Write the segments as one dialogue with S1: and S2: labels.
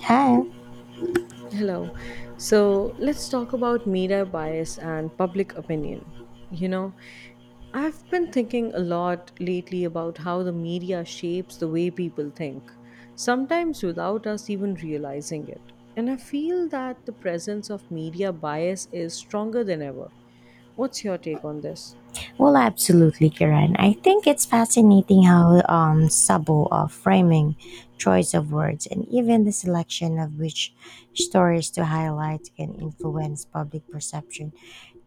S1: Yeah,
S2: Hello. So let's talk about media bias and public opinion. You know, I've been thinking a lot lately about how the media shapes the way people think, sometimes without us even realizing it. And I feel that the presence of media bias is stronger than ever. What's your take on this?
S1: well, absolutely, Kiran. I think it's fascinating how subtle of framing, choice of words, and even the selection of which stories to highlight can influence public perception.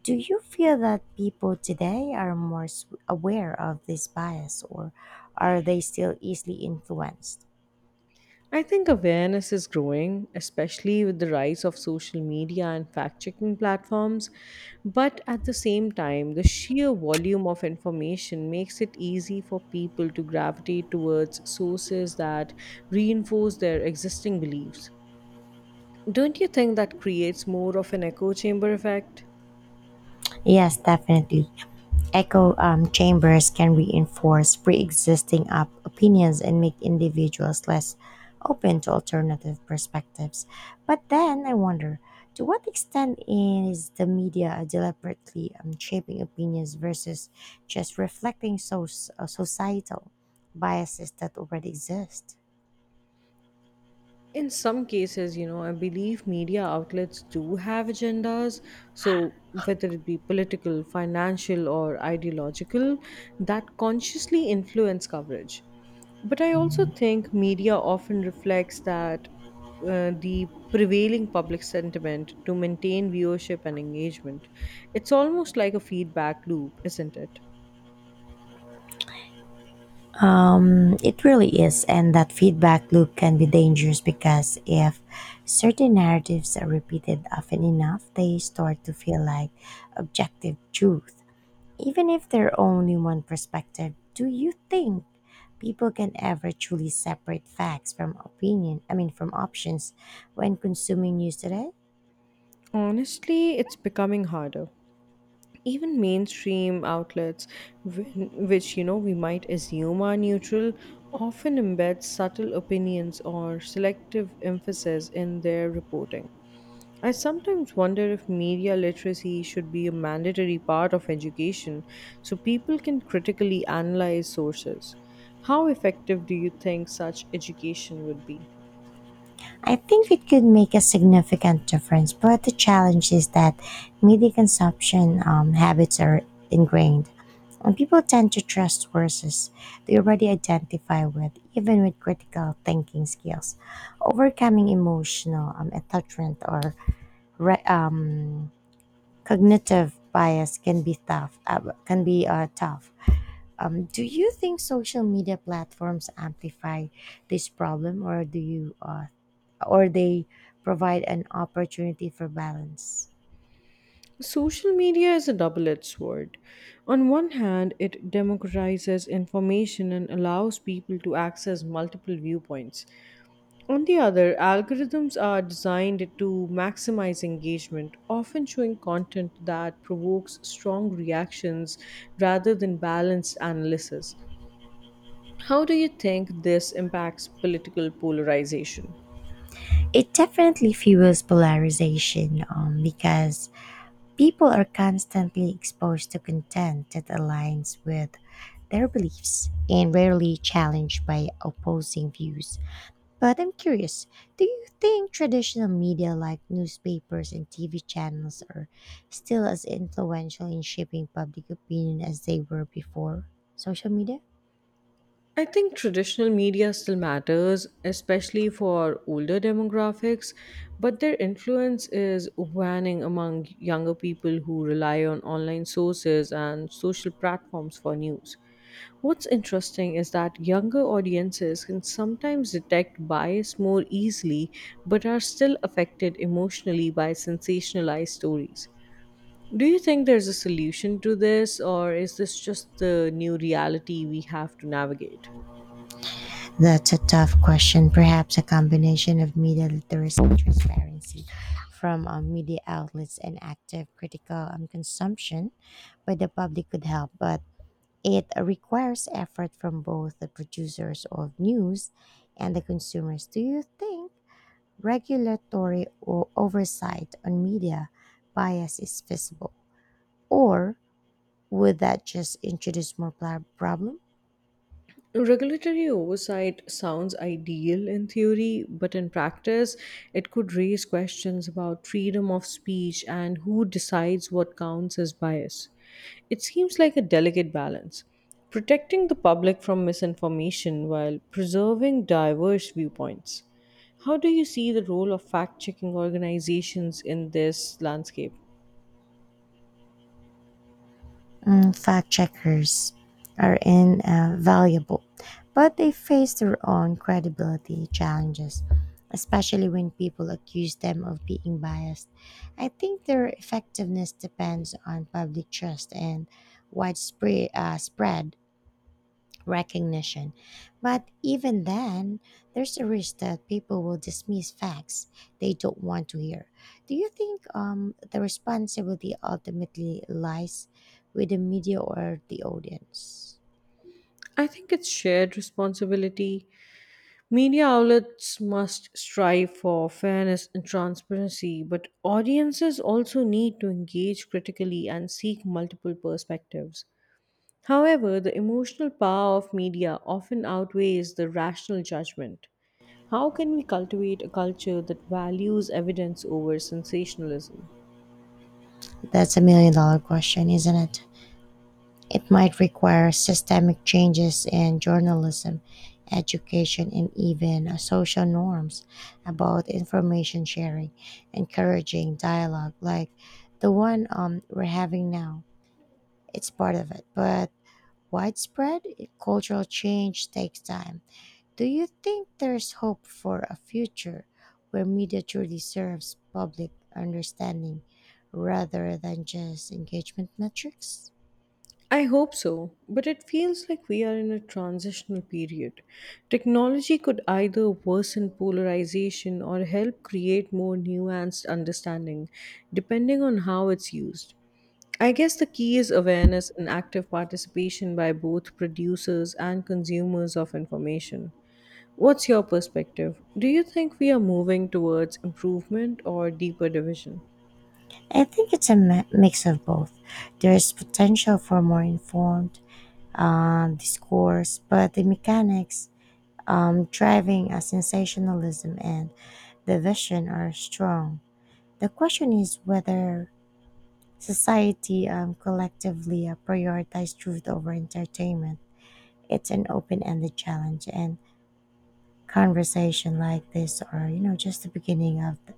S1: Do you feel that people today are more aware of this bias, or are they still easily influenced?
S2: I think awareness is growing, especially with the rise of social media and fact checking platforms. But at the same time, the sheer volume of information makes it easy for people to gravitate towards sources that reinforce their existing beliefs. Don't you think that creates more of an echo chamber effect?
S1: Yes, definitely. Echo chambers can reinforce pre existing opinions and make individuals less open to alternative perspectives. But then I wonder to what extent is the media deliberately shaping opinions versus just reflecting societal biases that already exist?
S2: In some cases, you know, I believe media outlets do have agendas, so whether it be political, financial, or ideological, that consciously influence coverage. But I also think media often reflects that, the prevailing public sentiment to maintain viewership and engagement. It's almost like a feedback loop, isn't it?
S1: It really is, and that feedback loop can be dangerous because if certain narratives are repeated often enough, they start to feel like objective truth, even if they're only one perspective. Do you think people can ever truly separate facts from opinion? I mean, from options when consuming news today?
S2: Honestly, it's becoming harder. Even mainstream outlets, which you know we might assume are neutral, often embed subtle opinions or selective emphasis in their reporting. I sometimes wonder if media literacy should be a mandatory part of education so people can critically analyze sources. How effective do you think such education would be?
S1: I think it could make a significant difference, but the challenge is that media consumption habits are ingrained. And people tend to trust sources they already identify with, even with critical thinking skills. Overcoming emotional attachment or re- um, cognitive bias can be tough. Do you think social media platforms amplify this problem, or do you, or they provide an opportunity for balance?
S2: Social media is a double edged sword. On one hand, it democratizes information and allows people to access multiple viewpoints. On the other, algorithms are designed to maximize engagement, often showing content that provokes strong reactions rather than balanced analysis. How do you think this impacts political polarization?
S1: It definitely fuels polarization because people are constantly exposed to content that aligns with their beliefs and rarely challenged by opposing views. But I'm curious, do you think traditional media like newspapers and TV channels are still as influential in shaping public opinion as they were before social media?
S2: I think traditional media still matters, especially for older demographics, but their influence is waning among younger people who rely on online sources and social platforms for news. What's interesting is that younger audiences can sometimes detect bias more easily, but are still affected emotionally by sensationalized stories. Do you think there's a solution to this, or is this just the new reality we have to navigate?
S1: That's a tough question. Perhaps a combination of media literacy and transparency from media outlets and active critical consumption by the public could help, but it requires effort from both the producers of news and the consumers. Do you think regulatory oversight on media bias is feasible? Or would that just introduce more problem?
S2: Regulatory oversight sounds ideal in theory, but in practice, it could raise questions about freedom of speech and who decides what counts as bias. It seems like a delicate balance, protecting the public from misinformation while preserving diverse viewpoints. How do you see the role of fact checking organizations in this landscape?
S1: Mm, fact checkers are invaluable, but they face their own credibility challenges, especially when people accuse them of being biased. I think their effectiveness depends on public trust and widespread spread recognition. But even then, there's a risk that people will dismiss facts they don't want to hear. Do you think the responsibility ultimately lies with the media or the audience?
S2: I think it's shared responsibility. Media outlets must strive for fairness and transparency, but audiences also need to engage critically and seek multiple perspectives. However, the emotional power of media often outweighs the rational judgment. How can we cultivate a culture that values evidence over sensationalism?
S1: That's a million-dollar question, isn't it? It might require systemic changes in journalism, education, and even social norms about information sharing, encouraging dialogue like the one we're having now. It's part of it, but widespread cultural change takes time. Do you think there's hope for a future where media truly serves public understanding rather than just engagement metrics?
S2: I hope so, but it feels like we are in a transitional period. Technology could either worsen polarization or help create more nuanced understanding, depending on how it's used. I guess the key is awareness and active participation by both producers and consumers of information. What's your perspective? Do you think we are moving towards improvement or deeper division?
S1: I think it's a mix of both. There's potential for more informed discourse, but the mechanics driving a sensationalism and division are strong. The question is whether society collectively prioritize truth over entertainment. It's an open ended challenge, and conversation like this are, just the beginning of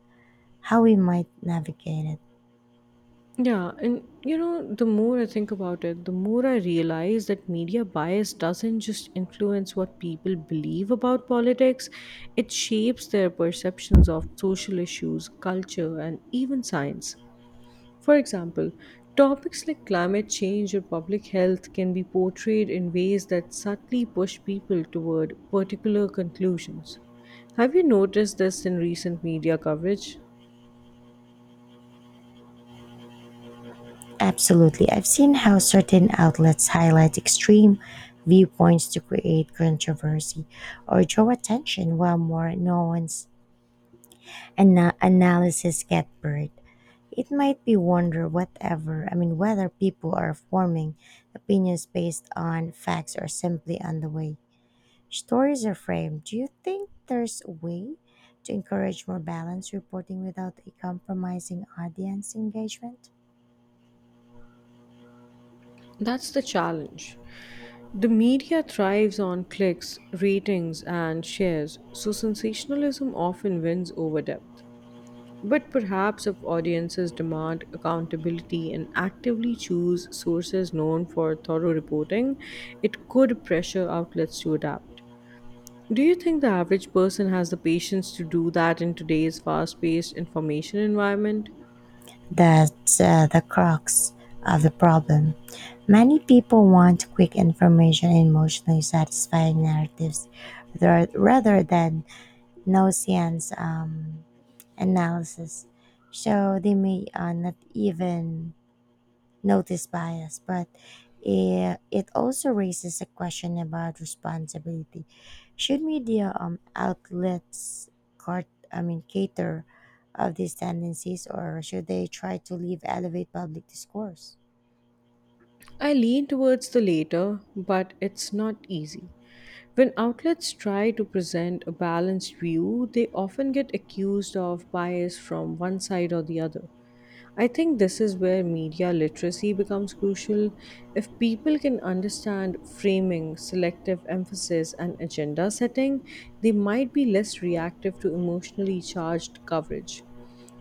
S1: how we might navigate it.
S2: Yeah, and you know, the more I think about it, the more I realize that media bias doesn't just influence what people believe about politics, it shapes their perceptions of social issues, culture, and even science. For example, topics like climate change or public health can be portrayed in ways that subtly push people toward particular conclusions. Have you noticed this in recent media coverage?
S1: Absolutely. I've seen how certain outlets highlight extreme viewpoints to create controversy or draw attention, while more nuanced analysis get buried. It might be wonder whatever I mean whether people are forming opinions based on facts or simply on the way stories are framed. Do you think there's a way to encourage more balanced reporting without a compromising audience engagement?
S2: That's the challenge. The media thrives on clicks, ratings, and shares, so sensationalism often wins over depth. But perhaps if audiences demand accountability and actively choose sources known for thorough reporting, it could pressure outlets to adapt. Do you think the average person has the patience to do that in today's fast paced information environment?
S1: That's the crux of the problem. Many people want quick information and emotionally satisfying narratives rather than no science analysis. So they may not even notice bias, but it also raises a question about responsibility. Should media outlets cart, I mean, cater of these tendencies, or should they try to leave elevate public discourse?
S2: I lean towards the later, but it's not easy. When outlets try to present a balanced view, they often get accused of bias from one side or the other. I think this is where media literacy becomes crucial. If people can understand framing, selective emphasis, and agenda setting, they might be less reactive to emotionally charged coverage.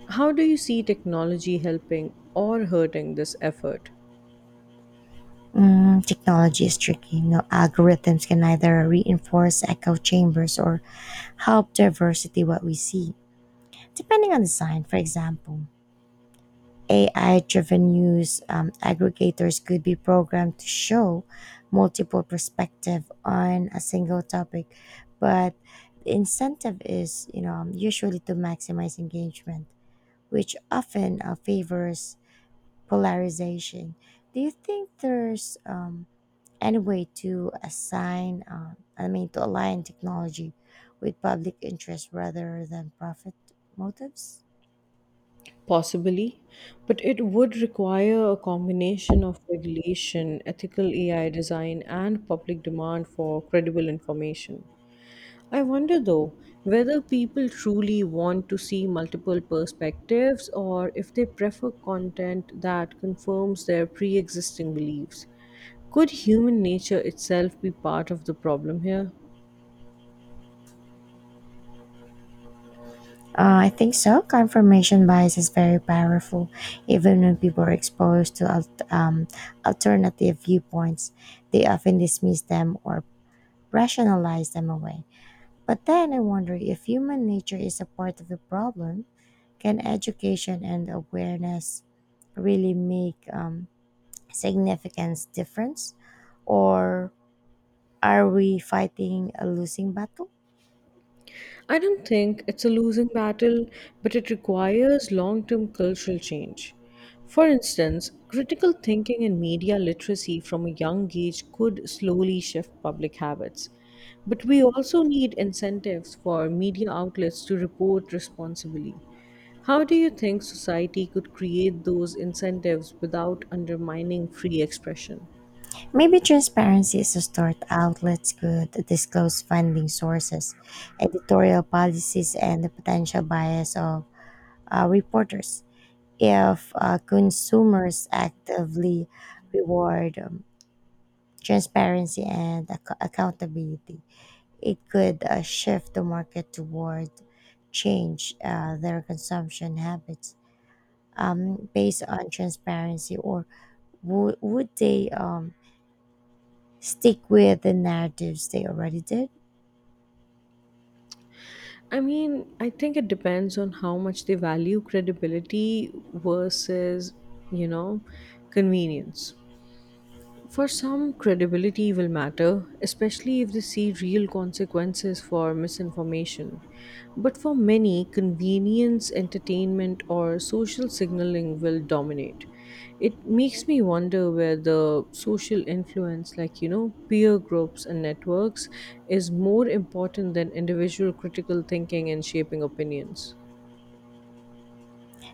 S2: How do you see technology helping or hurting this effort?
S1: Mm, technology is tricky. No algorithms can either reinforce echo chambers or help diversity what we see. Depending on the sign, for example, AI driven news aggregators could be programmed to show multiple perspectives on a single topic, but the incentive is usually to maximize engagement, which often favors polarization. Do you think there's any way to align technology with public interest rather than profit motives?
S2: Possibly, but it would require a combination of regulation, ethical AI design, and public demand for credible information. I wonder though whether people truly want to see multiple perspectives or if they prefer content that confirms their pre existing beliefs. Could human nature itself be part of the problem here?
S1: I think so. Confirmation bias is very powerful, even when people are exposed to alternative viewpoints. They often dismiss them or rationalize them away. But then I wonder if human nature is a part of the problem, can education and awareness really make significant difference, or are we fighting a losing battle?
S2: I don't think it's a losing battle, but it requires long term cultural change. For instance, critical thinking and media literacy from a young age could slowly shift public habits. But we also need incentives for media outlets to report responsibly. How do you think society could create those incentives without undermining free expression?
S1: Maybe transparency is a start. Outlets could disclose funding sources, editorial policies, and the potential bias of reporters. If consumers actively reward transparency and accountability, it could shift the market toward change their consumption habits based on transparency, or would they? Stick with the narratives they already did.
S2: I mean, I think it depends on how much they value credibility versus, you know, convenience. For some, credibility will matter, especially if they see real consequences for misinformation. But for many, convenience, entertainment, or social signaling will dominate. It makes me wonder whether social influence, like, you know, peer groups and networks, is more important than individual critical thinking and shaping opinions.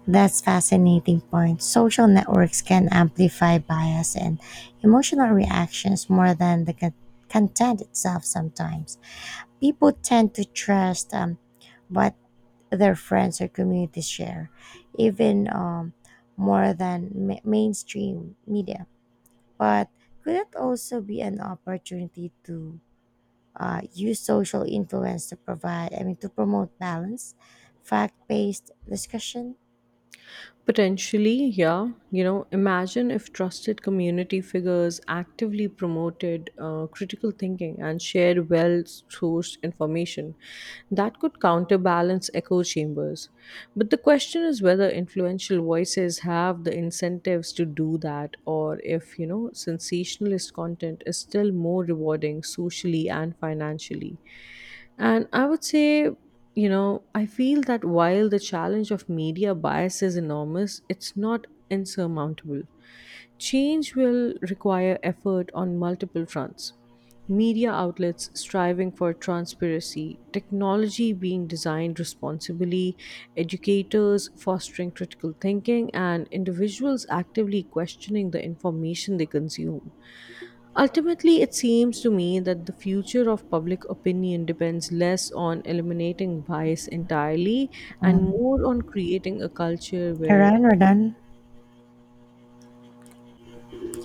S1: That's fascinating point. Social networks can amplify bias and emotional reactions more than the content itself sometimes. People tend to trust what their friends or community share, even more than mainstream media. But could it also be an opportunity to use social influence to promote balance, fact based discussion.
S2: Potentially, yeah. You know, imagine if trusted community figures actively promoted critical thinking and shared well sourced information. That could counterbalance echo chambers. But the question is whether influential voices have the incentives to do that, or if, you know, sensationalist content is still more rewarding socially and financially. And I would say, you know, I feel that while the challenge of media bias is enormous, it's not insurmountable. Change will require effort on multiple fronts. Media outlets striving for transparency, technology being designed responsibly, educators fostering critical thinking, and individuals actively questioning the information they consume. Ultimately, it seems to me that the future of public opinion depends less on eliminating bias entirely and
S1: Um,
S2: more on creating a culture where.
S1: Kiran, we're done.